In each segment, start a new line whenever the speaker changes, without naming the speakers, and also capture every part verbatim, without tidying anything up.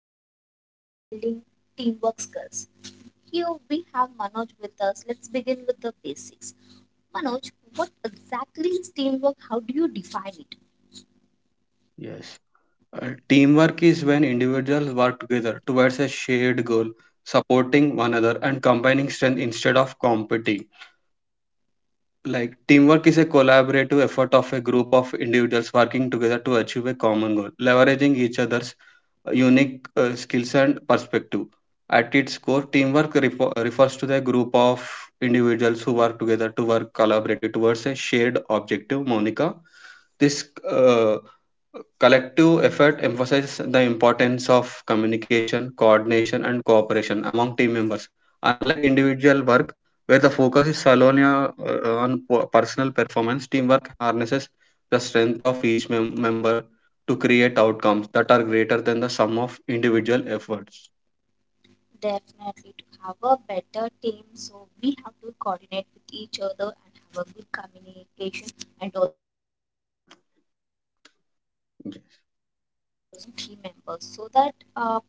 the podcast of Building Teamwork Skills. Here we have Manoj with us. Let's begin with the basics. Manoj, what exactly is teamwork? How do you define it?
Yes. Uh, teamwork is when individuals work together towards a shared goal, supporting one another and combining strength instead of competing. Like teamwork is a collaborative effort of a group of individuals working together to achieve a common goal, leveraging each other's uh, unique uh, skills and perspective. At its core, teamwork refo- refers to the group of individuals who work together to work collaboratively towards a shared objective, Monica. This uh, collective effort emphasizes the importance of communication, coordination, and cooperation among team members. Unlike individual work, where the focus is solely uh, on po- personal performance, teamwork harnesses the strength of each mem- member to create outcomes that are greater than the sum of individual efforts.
Definitely to have a better team, so we have to coordinate with each other and have a good communication and also we have to cooperate cooperate with
Yes.
each other among team members so that uh,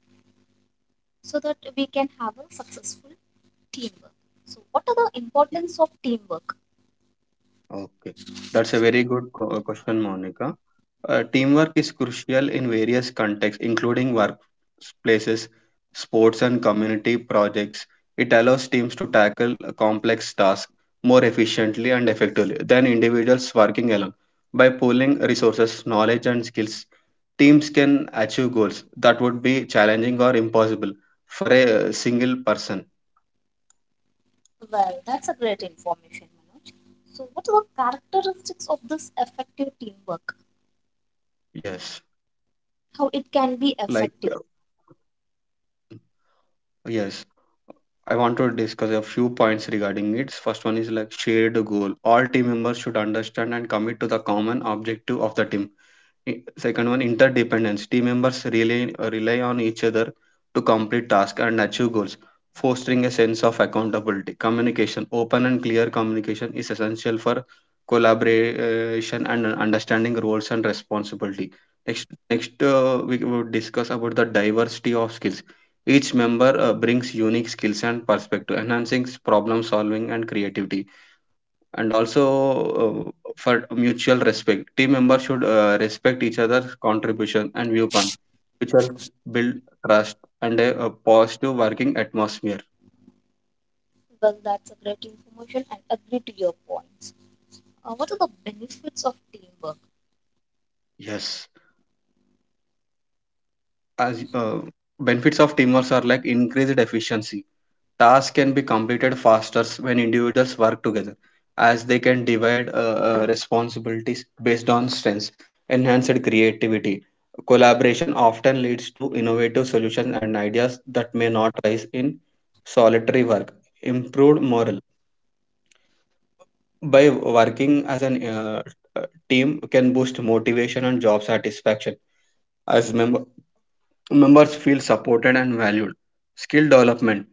so that we can have a successful teamwork. So what are the importance of teamwork?
Okay, that's a very good co- uh, question, Monica. Uh, teamwork is crucial in various contexts, including workplaces, sports, and community projects. It allows teams to tackle a complex tasks more efficiently and effectively than individuals working alone. By pooling resources, knowledge, and skills, teams can achieve goals that would be challenging or impossible for a uh, single person.
Well, that's a great information, Manoj. So, what are the characteristics of this effective teamwork?
Yes,
How it can be
like
effective?
Yes, I want to discuss a few points regarding it. First one is like shared goal. All team members should understand and commit to the common objective of the team. I- Second one, interdependence. Team members rely, uh, rely on each other to complete tasks and achieve goals, fostering a sense of accountability. Communication. Open and clear communication is essential for collaboration and understanding roles and responsibility. Next, next uh, we would discuss about the diversity of skills. Each member uh, brings unique skills and perspective, enhancing problem solving and creativity, and also uh, for mutual respect. Team members should uh, respect each other's contribution and viewpoint, which helps build trust and a, a positive working atmosphere.
Well, that's a great information and agree to your points. Uh, what are the benefits of teamwork?
Yes, as uh, benefits of teamwork are like increased efficiency, tasks can be completed faster when individuals work together, as they can divide uh, uh, responsibilities based on strengths. Enhanced creativity. Collaboration often leads to innovative solutions and
Yes.
ideas that may not rise in solitary work. Improved morale, by working as an uh, uh, team can boost motivation and job satisfaction as member members feel supported and valued. Skill development.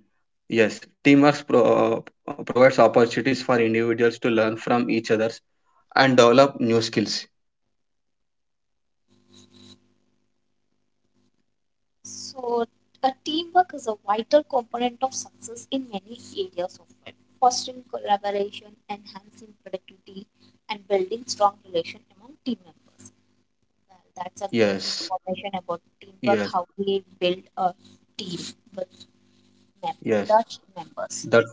Yes, teamwork pro- uh, provides opportunities for individuals to learn from each other and develop new skills.
So, a teamwork is a vital component of success in many areas of life, fostering collaboration, enhancing productivity, and building strong relation among team members. Well, that's a great
Yes,
information about teamwork,
yes,
how we build a team with, mem-
yes.
with our team members.
That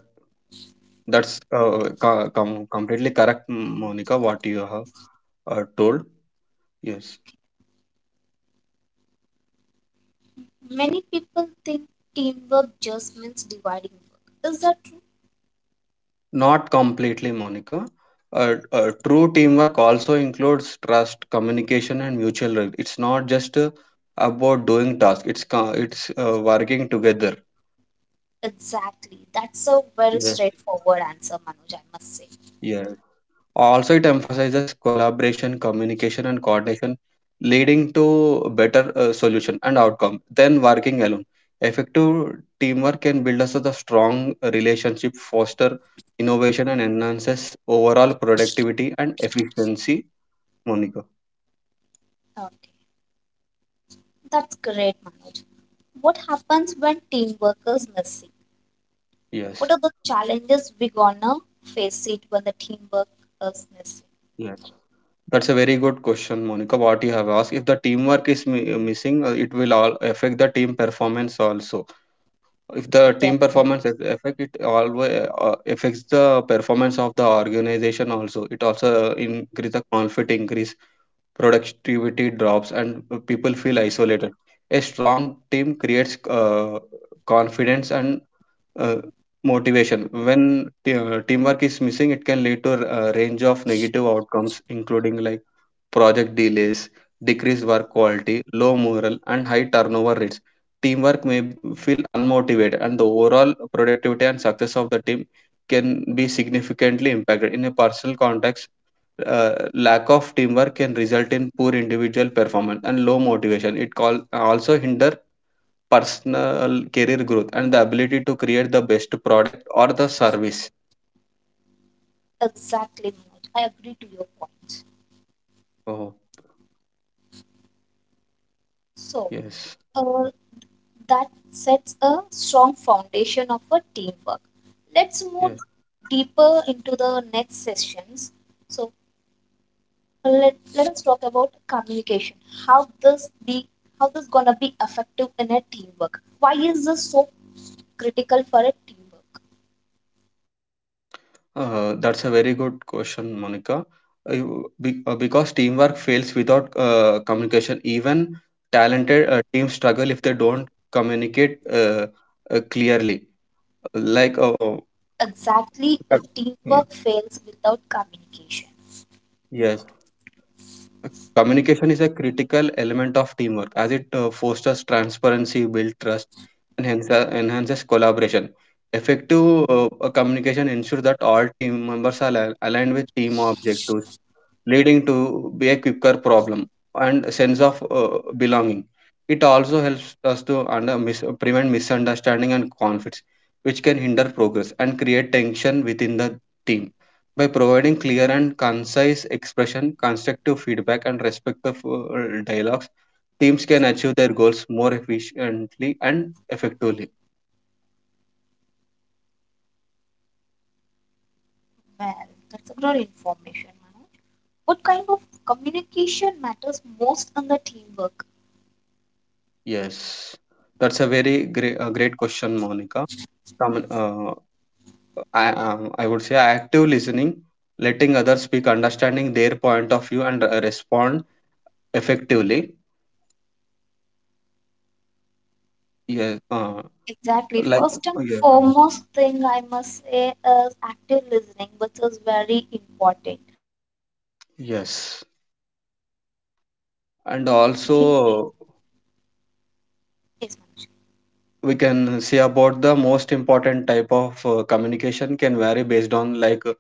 that's uh, co- com- completely correct, Monica. What you have uh, told. Yes,
Many people think teamwork just means dividing work. Is that true?
not completely, Monica. Uh, uh, true teamwork also includes trust, communication, and mutual. re- It's not just uh, about doing tasks. It's co- it's uh, working together.
Exactly. That's a very
Yeah.
straightforward answer, Manoj, I must say.
Yeah. Also, it emphasizes collaboration, communication, and coordination, leading to better uh, solution and outcome than working alone. Effective teamwork can build us a strong relationship, foster innovation, and enhances overall productivity and efficiency, Monica.
Okay. That's great, Manoj. What happens when teamwork is missing?
yes,
What are the challenges we gonna face it when the teamwork is missing?
yes, that's a very good question, Monica. What you have asked, if the teamwork is mi- missing, uh, it will all affect the team performance also. If the team
Definitely.
performance is affect, it always uh, affects the performance of the organization also. It also uh, increase the conflict, increase, productivity drops, and people feel isolated. A strong team creates uh, confidence and uh, motivation. When t- uh, teamwork is missing, it can lead to a range of negative outcomes including like project delays, decreased work quality, low morale, and high turnover rates. Teamwork may feel unmotivated, and the overall productivity and success of the team can be significantly impacted. In a personal context, uh, lack of teamwork can result in poor individual performance and low motivation. It call, also hinder personal career growth and the ability to create the best product or the service.
Exactly, Manoj. I agree to your point.
Oh,
So,
yes,
uh, that sets a strong foundation of a teamwork. Let's move
yes.
deeper into the next sessions. So let, let us talk about communication. How this be how this gonna be effective in a teamwork? Why is this so critical for a teamwork?
Uh, that's a very good question, Monica. Uh, you- be- uh, because teamwork fails without uh, communication. Even talented uh, teams struggle if they don't communicate uh, uh, clearly. Like, uh, uh,
Exactly, a
uh, yeah,
teamwork fails without communication.
yes, communication is a critical element of teamwork as it uh, fosters transparency, builds trust, and hence, uh, enhances collaboration. Effective uh, uh, communication ensures that all team members are al- aligned with team objectives, leading to be a quicker problem and sense of uh, belonging. It also helps us to under, mis- prevent misunderstanding and conflicts, which can hinder progress and create tension within the team. By providing clear and concise expression, constructive feedback, and respectful uh, dialogues, teams can achieve their goals more efficiently and effectively.
Well, that's a good information, Manoj. What kind of communication matters most in the teamwork?
Yes, that's a very great, uh, great question, Monica. Commun- uh, I um, I would say active listening, letting others speak, understanding their point of view, and uh, respond effectively. Yeah, uh,
Exactly.
like
First and
yeah,
foremost thing I must say is active listening, which is very important. And also we have to let
yes,
others to talk. We
and
we
also
yes, Manoj.
we can say about the most important type of uh, communication can vary based on like uh,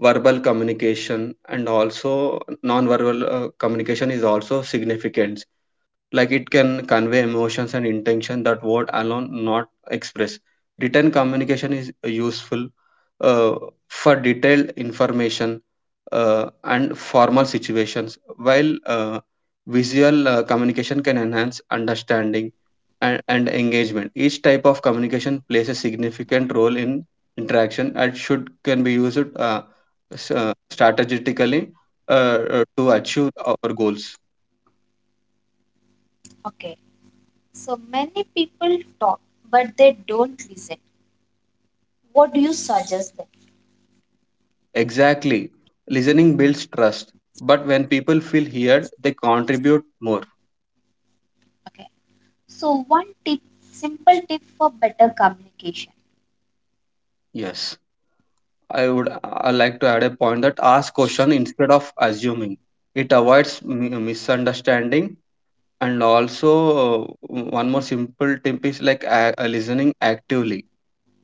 verbal communication, and also non-verbal uh, communication is
Exactly.
also
Communication
significant,
matters most.
like it can convey emotions and intention that word alone not express. Written communication is useful uh, for detailed information uh, and formal situations, while uh, visual uh, communication can enhance understanding and and engagement. Each type of communication plays a significant role in interaction and should can be used uh, s- uh, strategically uh, uh, to achieve our goals.
Okay. So many people talk, but they don't listen. What do you suggest then?
Exactly. Listening builds trust. But when people feel heard, they contribute more.
Okay. So one tip, simple tip for better communication.
Yes. I would I like to add a point that ask question instead of assuming. It avoids mi- misunderstanding. And also uh, one more simple tip is like a- uh, listening actively.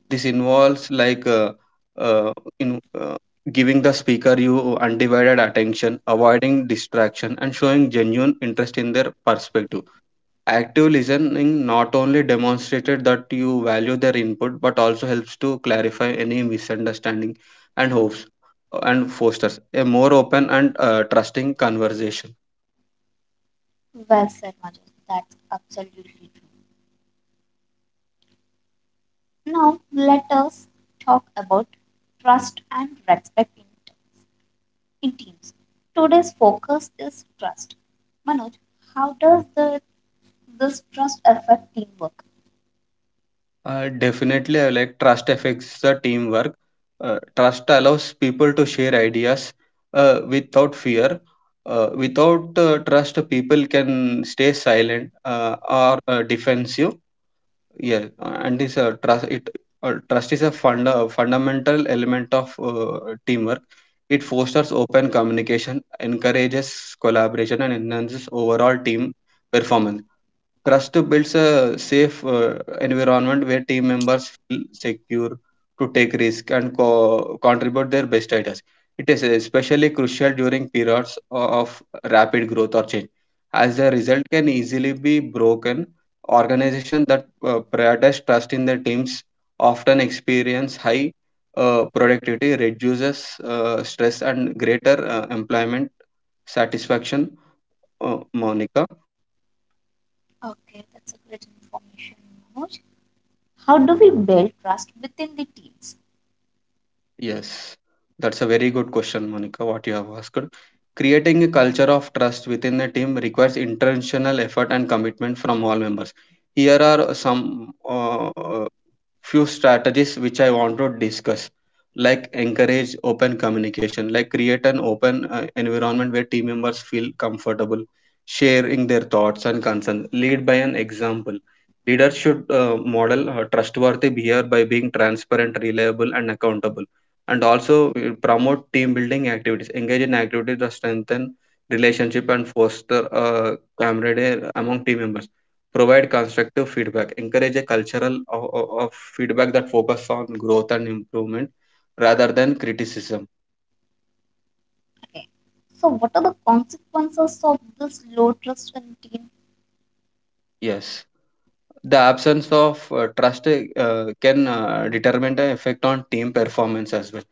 This involves like uh, uh, in uh, giving the speaker you undivided attention, avoiding distraction, and showing genuine interest in their perspective. Active listening not only demonstrated that you value their input but also helps to clarify any misunderstanding and hopes uh, and fosters a more open and uh, trusting conversation.
Well said, Manoj. That's absolutely true. Now, let us talk about trust and respect in, in teams. Today's focus is trust. Manoj, how does the this trust affect teamwork?
Uh, definitely, I like trust affects the teamwork. Uh, trust allows people to share ideas uh, without fear. Uh, without uh, trust, people can stay silent uh, or uh, defensive. Yeah, uh, and this uh, trust it uh, Trust is a funda fundamental element of uh, teamwork. It fosters open communication, encourages collaboration, and enhances overall team performance. Trust builds a safe uh, environment where team members feel secure to take risk and co- contribute their best ideas. It is especially crucial during periods of rapid growth or change, as the result can easily be broken. Organizations that uh, prioritize trust in their teams often experience high uh, productivity, reduces uh, stress, and greater uh, employment satisfaction, Uh, Monica.
Okay, that's a great information, Manoj. How do we build trust within the teams?
Yes, that's a very good question, Monica, what you have asked. Creating a culture of trust within a team requires intentional effort and commitment from all members. Here are some uh, few strategies which I want to discuss, like encourage open communication, like create an open uh, environment where team members feel comfortable sharing their thoughts and concerns. Lead by an example, leaders should uh, model uh, trustworthy behavior by being transparent, reliable, and accountable. And also uh, promote team building activities, engage in activities that strengthen relationship and foster uh, camaraderie among team members. Provide constructive feedback. Encourage a cultural of, of feedback that focus on growth and improvement rather than criticism.
Okay. So, what are the consequences of this low trust in team?
Yes, the absence of uh, trust uh, can uh, determine the effect on team performance as well.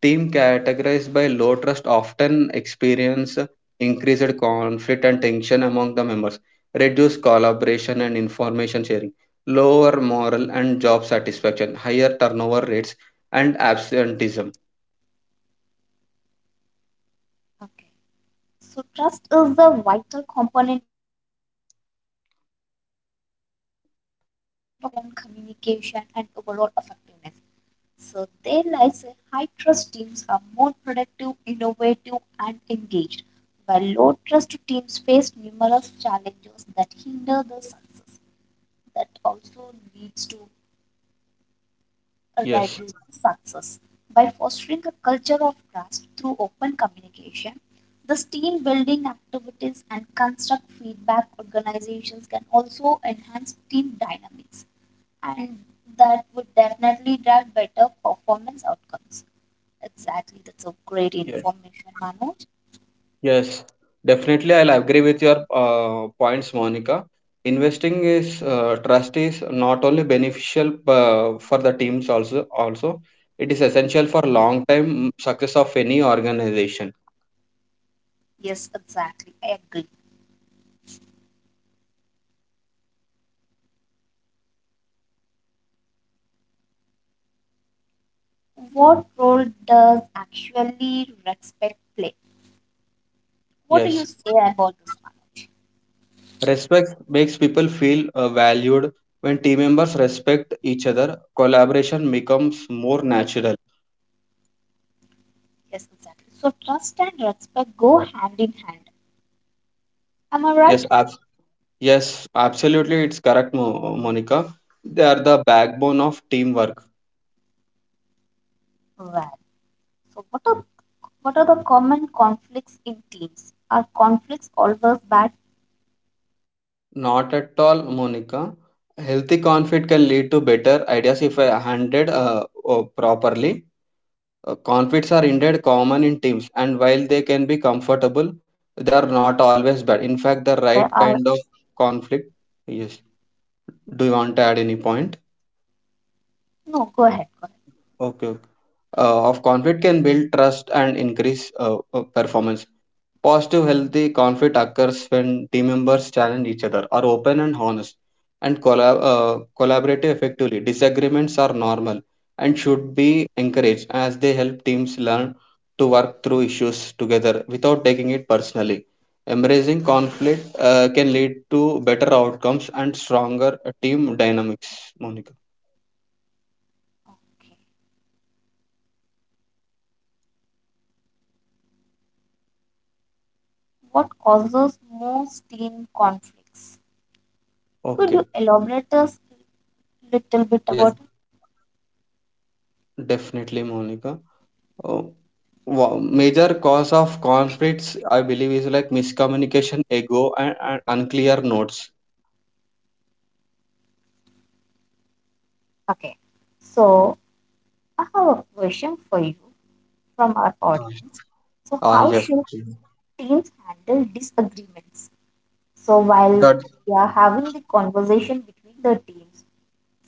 Team categorized by low trust often experience increased conflict and tension among the members, reduced collaboration and information sharing, lower moral and job satisfaction, higher turnover rates, and absenteeism.
Okay. So trust is the vital component of team performance that significantly influences collaboration, communication, and overall effectiveness. So they lies say high trust teams are more productive, innovative, and engaged, while low trust teams face numerous challenges that hinder the success. That also leads to
Yes.
reduce success. By fostering a culture of trust through open communication, this team building activities and construct feedback organizations can also enhance team dynamics and that would definitely drive better performance outcomes. Exactly, that's a great
Yes.
information, Manoj.
Yes, definitely. I'll agree with your uh, points, Monica. Investing is uh, trust is not only beneficial uh, for the teams, also also it is essential for long time success of any organization.
Yes, exactly, I agree. What role does actually respect play? What do you
Yes,
say about this, Manoj?
respect makes people feel uh, valued. When team members respect each other, collaboration becomes more natural.
Yes, exactly. So trust and respect go hand in hand. Am I
Yes,
right?
ab- yes, absolutely. It's correct, Mo Monica. They are the backbone of teamwork.
Well, so what are what are the common conflicts in teams? Are conflicts always bad?
Not at all, Monica. Healthy conflict can lead to better ideas if uh, handled uh, uh, properly. Uh, conflicts are indeed common in teams, and while they can be comfortable, they are not always bad. In fact, the
Yes, there
right
are.
kind of conflict. Yes. Do you want to add any point?
No, go ahead. Go ahead.
Okay. okay. Uh, of conflict can build trust and increase uh, uh, performance. Positive, healthy conflict occurs when team members challenge each other, are open and honest, and collab- uh, collaborate effectively. Disagreements are normal and should be encouraged as they help teams learn to work through issues together without taking it personally. Embracing conflict uh, can lead to better outcomes and stronger uh, team dynamics, Monica.
Okay. What causes most team conflicts? Could
Okay.
you elaborate us little bit
Yes,
about it?
definitely, Monica. Uh, wa- Major cause of conflicts, I believe, is like miscommunication, ego, and and unclear notes.
Okay. So I have a question for you from our audience. So
Ah,
how
yes.
should teams handle disagreements? So while
That
we are having the conversation between the teams,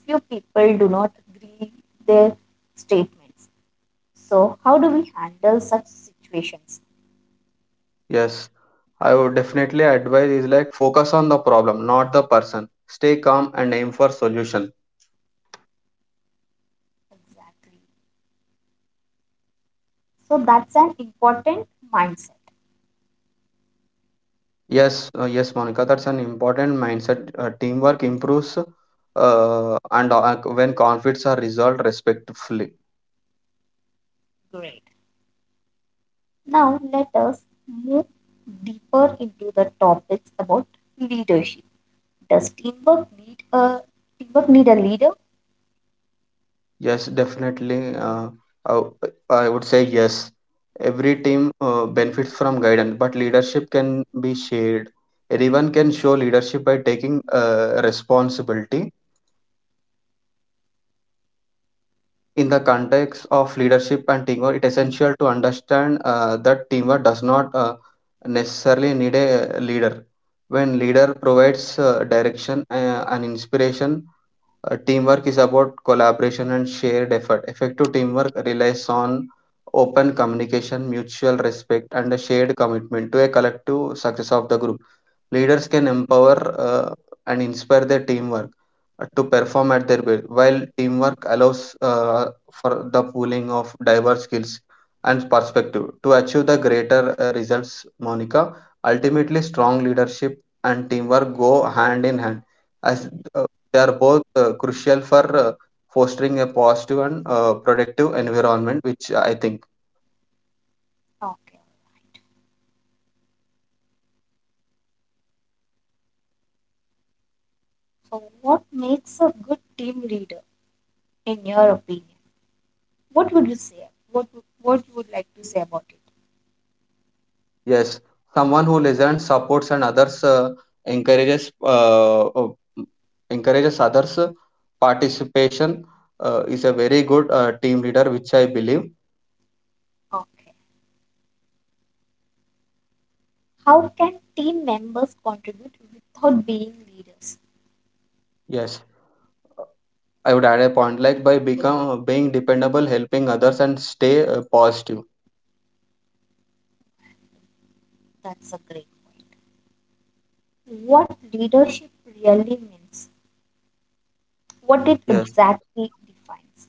few people do not agree their statements. So how do we handle such situations?
Yes, I would definitely advise is like focus on the problem, not the person. Stay calm and aim for solution.
Exactly. So that's an important mindset.
Yes, uh, yes, Monica, that's an important mindset. Uh, teamwork improves, uh, and uh, when conflicts are resolved respectfully.
Great. Now let us move deeper into the topics about leadership. Does teamwork need a teamwork need a leader?
Yes, definitely. Uh, I, I would say yes. Every team uh, benefits from guidance, but leadership can be shared. Everyone can show leadership by taking uh, responsibility. In the context of leadership and teamwork, it is essential to understand uh, that teamwork does not uh, necessarily need a leader. When leader provides uh, direction uh, and inspiration, Uh, teamwork is about collaboration and shared effort. Effective teamwork relies on open communication, mutual respect, and a shared commitment to a collective success of the group. Leaders can empower uh, and inspire their teamwork uh, to perform at their best, while teamwork allows uh, for the pooling of diverse skills and perspective to achieve the greater uh, results. Monica, ultimately, strong leadership and teamwork go hand in hand as uh, they are both uh, crucial for uh, fostering a positive and uh, productive environment, which I think.
Okay. So what makes a good team leader in your opinion? What would you say? What would- what you would like to say about it?
Yes, someone who listens, supports, and others uh, encourages uh, uh, encourages others uh, participation uh, is a very good uh, team leader, which I believe.
Okay. How can team members contribute without being leaders?
Yes, I would add a point like by become uh, being dependable, helping others, and stay uh, positive.
That's a great point. What leadership really means, what it
Yes,
exactly defines.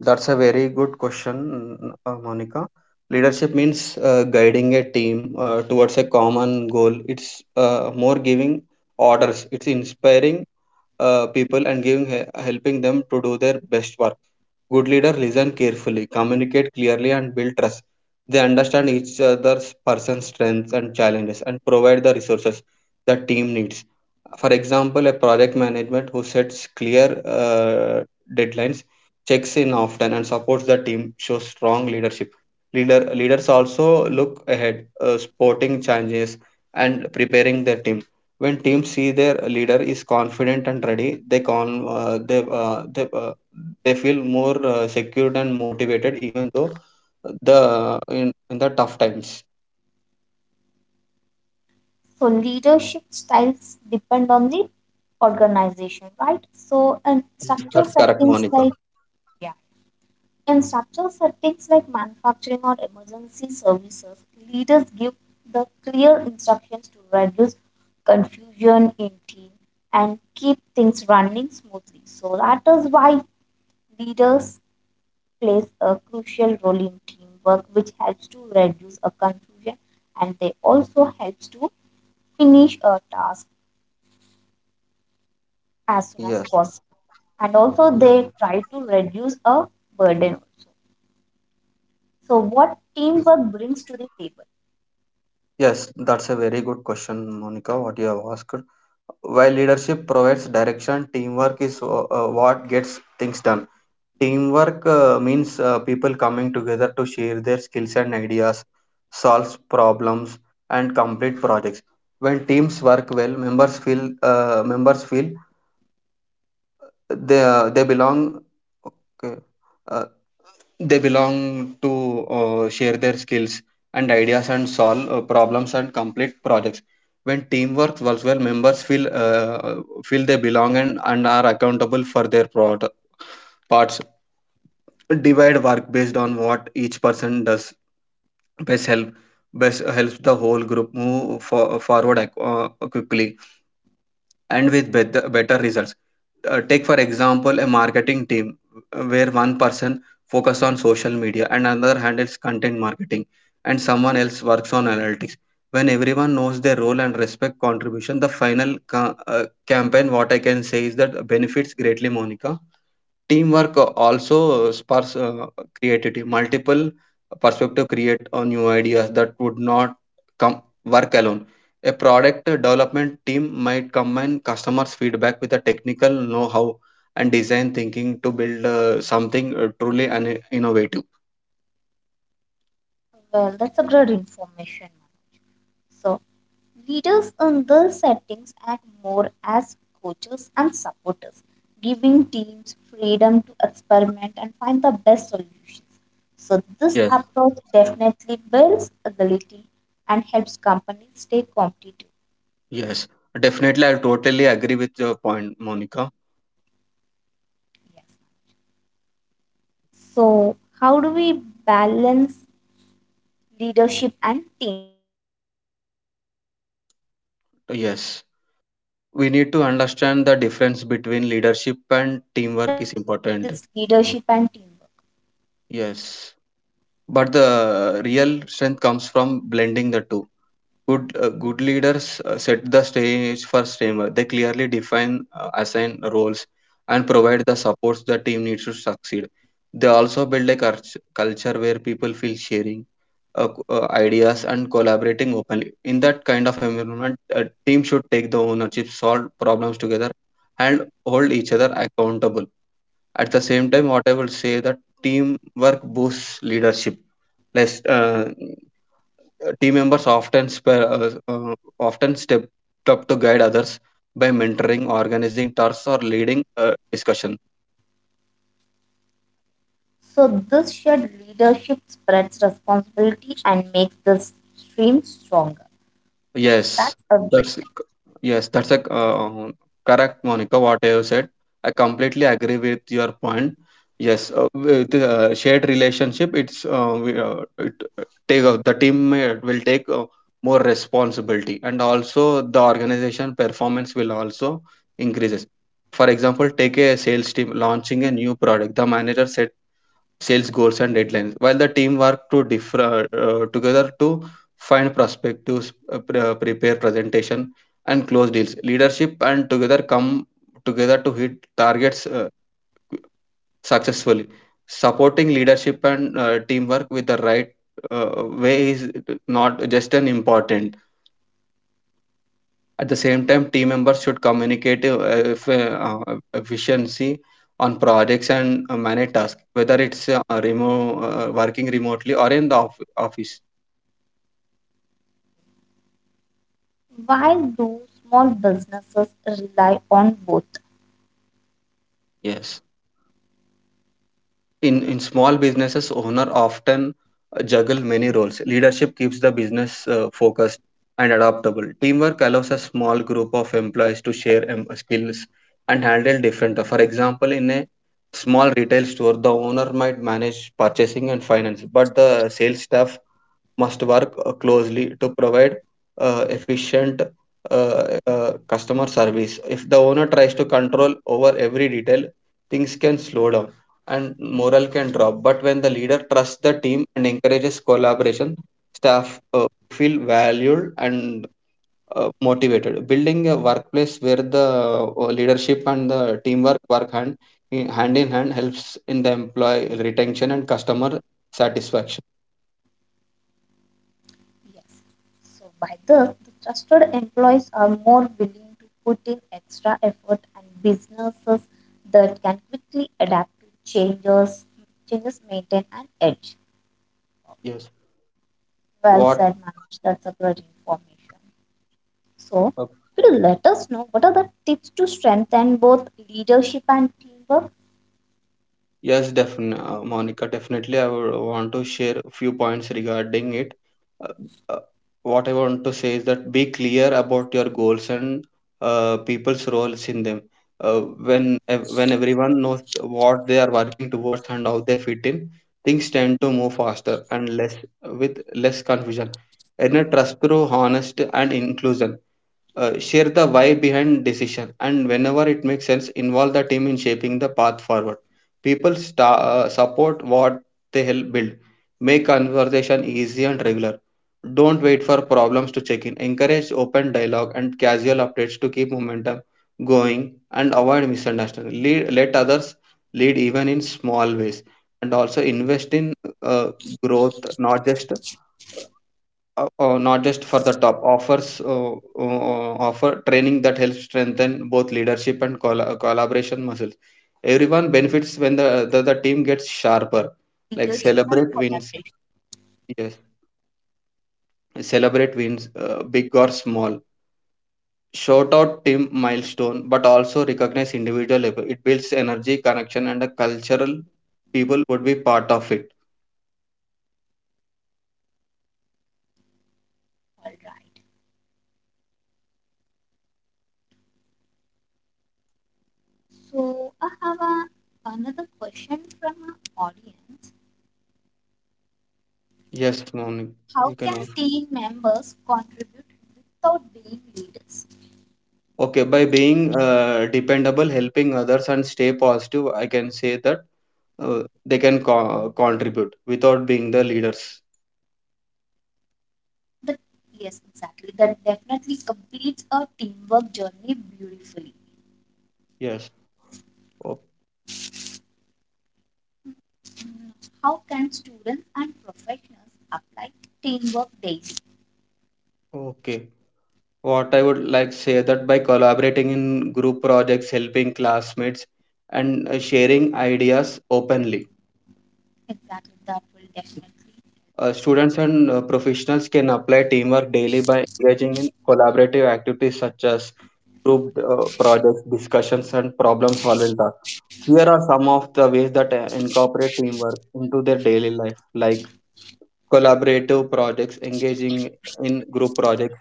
that's a very good question, uh, Monica. Leadership means uh, guiding a team uh, towards a common goal. It's uh, more giving orders. It's inspiring uh, people and giving he- helping them to do their best work. Good leader listen carefully, communicate clearly, and build trust. They understand each other's person's strengths and challenges and provide the resources the team needs. For example, a project management who sets clear uh, deadlines, checks in often, and supports the team shows strong leadership. Leader, leaders also look ahead, uh, supporting changes and preparing their team. When teams see their leader is confident and ready, they con uh, they uh, they, uh, they feel more uh, secured and motivated, even though the in, in the tough times.
So leadership styles depend on the organization, right? So and
Yes,
structure
that's correct,
settings
Monica.
like yeah. In structural settings like manufacturing or emergency services, leaders give the clear instructions to reduce confusion in team and keep things running smoothly. So that is why leaders plays a crucial role in teamwork, which helps to reduce a confusion and they also helps to finish a task as soon as
Yes,
possible. And also
yes.
they try to reduce a burden also. So what teamwork brings to the table?
Yes, that's a very good question, Monica, what you have asked. While leadership provides direction, teamwork is uh, uh, what gets things done. Teamwork uh, means uh, people coming together to share their skills and ideas, solve problems, and complete projects. When teams work well, members feel uh, members feel they uh, they belong. Okay. uh, they belong to uh, share their skills and ideas and solve uh, problems and complete projects. When teamwork works well, members feel uh, feel they belong, and, and are accountable for their prod- parts. Divide work based on what each person does best help best helps the whole group move for, forward ac- uh, quickly and with better, better results. Uh, take for example a marketing team uh, where one person focuses on social media and another handles content marketing and someone else works on analytics. When everyone knows their role and respect contribution, the final ca- uh, campaign, what I can say, is that benefits greatly, Monica. Teamwork also sparks uh, creativity. Multiple perspective create uh, new ideas that would not come work alone. A product development team might combine customers' feedback with a technical know-how and design thinking to build uh, something uh, truly an innovative.
Well, that's a great information. So, leaders in these settings act more as coaches and supporters, giving teams freedom to experiment and find the best solutions. So, this
Yes,
approach definitely builds agility and helps companies stay competitive.
yes, definitely. I totally agree with your point, Monica.
Yes. So, how do we balance leadership and teamwork?
Yes, we need to understand the difference between leadership
And what
and
is the
teamwork
difference
is
between
important.
this leadership and teamwork?
Yes, but the real strength comes from blending the two. Good uh, good leaders uh, set the stage for streamer. They clearly define uh, assign roles and provide the supports the team needs to succeed. They also build a cult- culture where people feel sharing uh, c- uh, ideas and collaborating openly. In that kind of environment, a team should take the ownership, solve problems together, and hold each other accountable. At the same time, what I will say that teamwork boosts leadership. Less uh, Team members often spare, uh, uh, often step up to guide others by mentoring, organizing tasks, or leading uh, discussions.
So this shared leadership spreads responsibility and makes the stream stronger. Wow,
Yes,
that's a
that's
great.
yes, that's a uh, correct, Monica. What you said, I completely agree with your point. Yes, uh, with uh, shared relationship, it's uh, we, uh, it uh, take uh, the team uh, will take uh, more responsibility, and also the organization performance will also increases. For example, take a sales team launching a new product. The manager sets sales goals and deadlines while the team work to differ uh, together to find prospectives, uh, pre- uh, prepare presentation and close deals. Leadership and together come together to hit targets uh, successfully. Supporting leadership and uh, teamwork with the right uh, way is not just an important. At the same time, team members should communicate uh, if, uh, uh, efficiency on projects and uh, manage tasks, whether it's uh, remote, uh, working remotely or in the off- office.
While those small businesses rely on both.
Yes, in in small businesses, owner often uh, juggle many roles. Leadership keeps the business uh, focused and adaptable. Teamwork allows a small group of employees to share em- skills and handle different. uh, For example, in a small retail store, the owner might manage purchasing and finance, but the sales staff must work uh, closely to provide uh, efficient uh, uh, customer service. If the owner tries to control over every detail, things can slow down and morale can drop. But when the leader trusts the team and encourages collaboration, staff uh, feel valued and uh, motivated. Building a workplace where the uh, leadership and the teamwork work hand in, hand in hand helps in the employee retention and customer satisfaction.
Yes. So by this, the trusted employees are more willing to put in extra effort and businesses that can quickly adapt to changes, changes maintain an edge.
Yes.
Well
What?
said, Manoj. That's a great information. So, could you let us know what are the tips to strengthen both leadership and teamwork?
Yes, definitely, uh, Monica. Definitely, I would want to share a few points regarding it. Uh, uh, what I want to say is that be clear about your goals and uh, people's roles in them. Uh, when ev- when everyone knows what they are working towards and how they fit in, things tend to move faster and less with less confusion. And a trust through honesty and inclusion, uh, share the why behind decision, and whenever it makes sense, involve the team in shaping the path forward. People sta uh, support what they help build. Make conversation easy and regular. Don't wait for problems to check in. Encourage open dialogue and casual updates to keep momentum going and avoid misunderstanding. Lead, let others lead even in small ways, and also invest in uh, growth. Not just uh, uh, not just for the top offers. Uh, uh, Offer training that helps strengthen both leadership and colla collaboration
Yes.
muscles.
Ma'am. So,
Everyone
offering
benefits
training
when
that
the,
also
the the
helps
team
people
gets sharper,
strengthen both
like
leadership and
celebrate wins.
collaboration.
Yes, celebrate wins, uh, big or small. Shout out team milestone, but also recognize individual effort. It builds energy, connection, and a cultural people would be part of it.
All right. So, I have a, another question from our audience.
Yes, Maunik, you
How can
can.
team members contribute without being leaders?
Okay, by being uh, dependable, helping others, and stay positive, I can say that uh, they can co- contribute without being the leaders.
The, yes, exactly. That definitely completes a teamwork journey beautifully.
Yes. O-
Mm, how can students and professionals apply teamwork daily?
Okay. What I would like say that by collaborating in group projects, helping classmates, and uh, sharing ideas openly.
Exactly, that will definitely help
Uh,
them.
students and uh, professionals can apply teamwork daily by engaging in collaborative activities such as group uh, projects, discussions, and problem solving tasks. Here are some of the ways that uh, incorporate teamwork into their daily life, like collaborative projects, engaging in group projects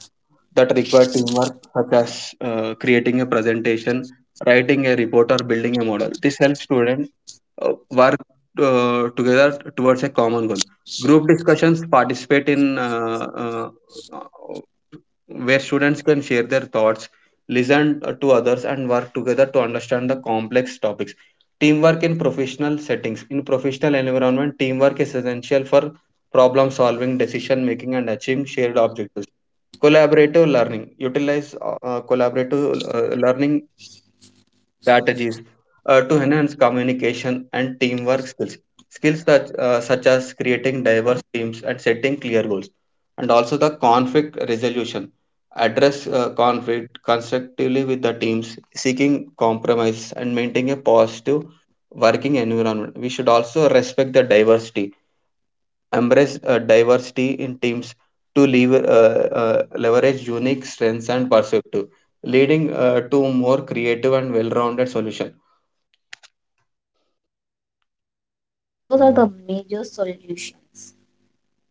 that require teamwork, such as uh, creating a presentation, writing a report, or building a model. This helps students uh, work uh, together towards a common goal. Group discussions, participate in uh, uh, where students can share their thoughts, listen to others, and work together to understand the complex topics. Teamwork in professional settings. In professional environment, teamwork is essential for problem solving, decision making, and achieving shared objectives. Collaborative learning. Utilize uh, uh, collaborative uh, learning strategies uh, to enhance communication and teamwork skills. Skills such, uh, such as creating diverse teams and setting clear goals, and also the conflict resolution. Address uh, conflict constructively with the teams, seeking compromise and maintaining a positive working environment. We should also respect the diversity, embrace uh, diversity in teams to lever, uh, uh, leverage unique strengths and perspective, leading uh, to more creative and well rounded solutions.
Yes, those are the major solutions.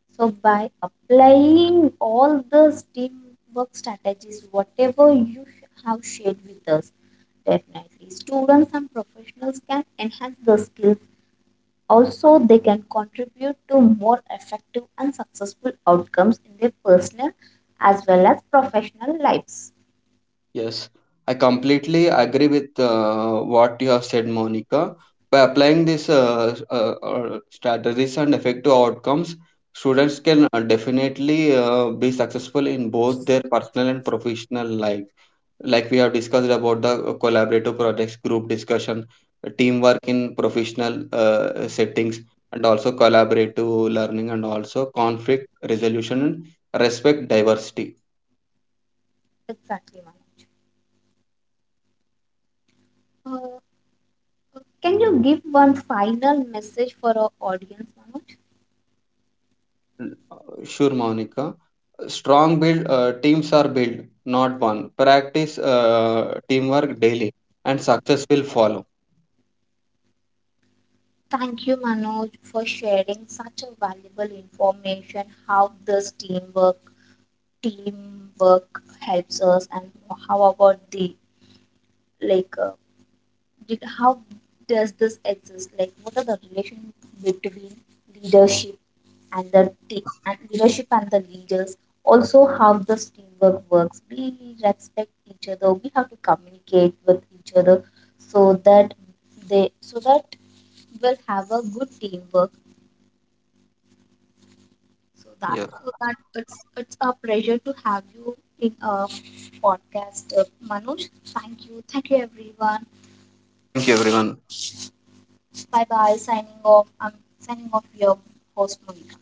So by applying all the teamwork strategies, whatever you sh- have shared with us, definitely students and professionals can enhance the skills. Also, they can contribute to more effective and successful outcomes in their personal as well as professional lives.
Yes, I completely agree with uh, what you have said, Monica. By applying these uh, uh, uh, strategies and effective outcomes, students can uh, definitely uh, be successful in both their personal and professional life. Like we have discussed about the uh, collaborative projects, group discussion, teamwork in professional uh, settings, and also collaborative learning, and also conflict resolution and respect diversity.
Exactly, Manoj. Uh, uh, can you give one final message for our audience, Manoj?
Sure, Monica. Strong build uh, teams are built, not one. Practice uh, teamwork daily, and success will follow.
Thank you, Manoj, for sharing such a valuable information how this teamwork teamwork helps us and how about the like uh, did, how does this exist? Like, what are the relation between leadership and the team, and leadership and the leaders? Also, how this teamwork works. We respect each other. We have to communicate with each other so that they so that we'll have a good teamwork. So that
Yeah.
so that it's it's a pleasure to have you in a podcast, uh, Manoj. Thank you, thank you, everyone.
Okay. Thank you, everyone.
Bye bye. Signing off. I'm signing off your host Monica.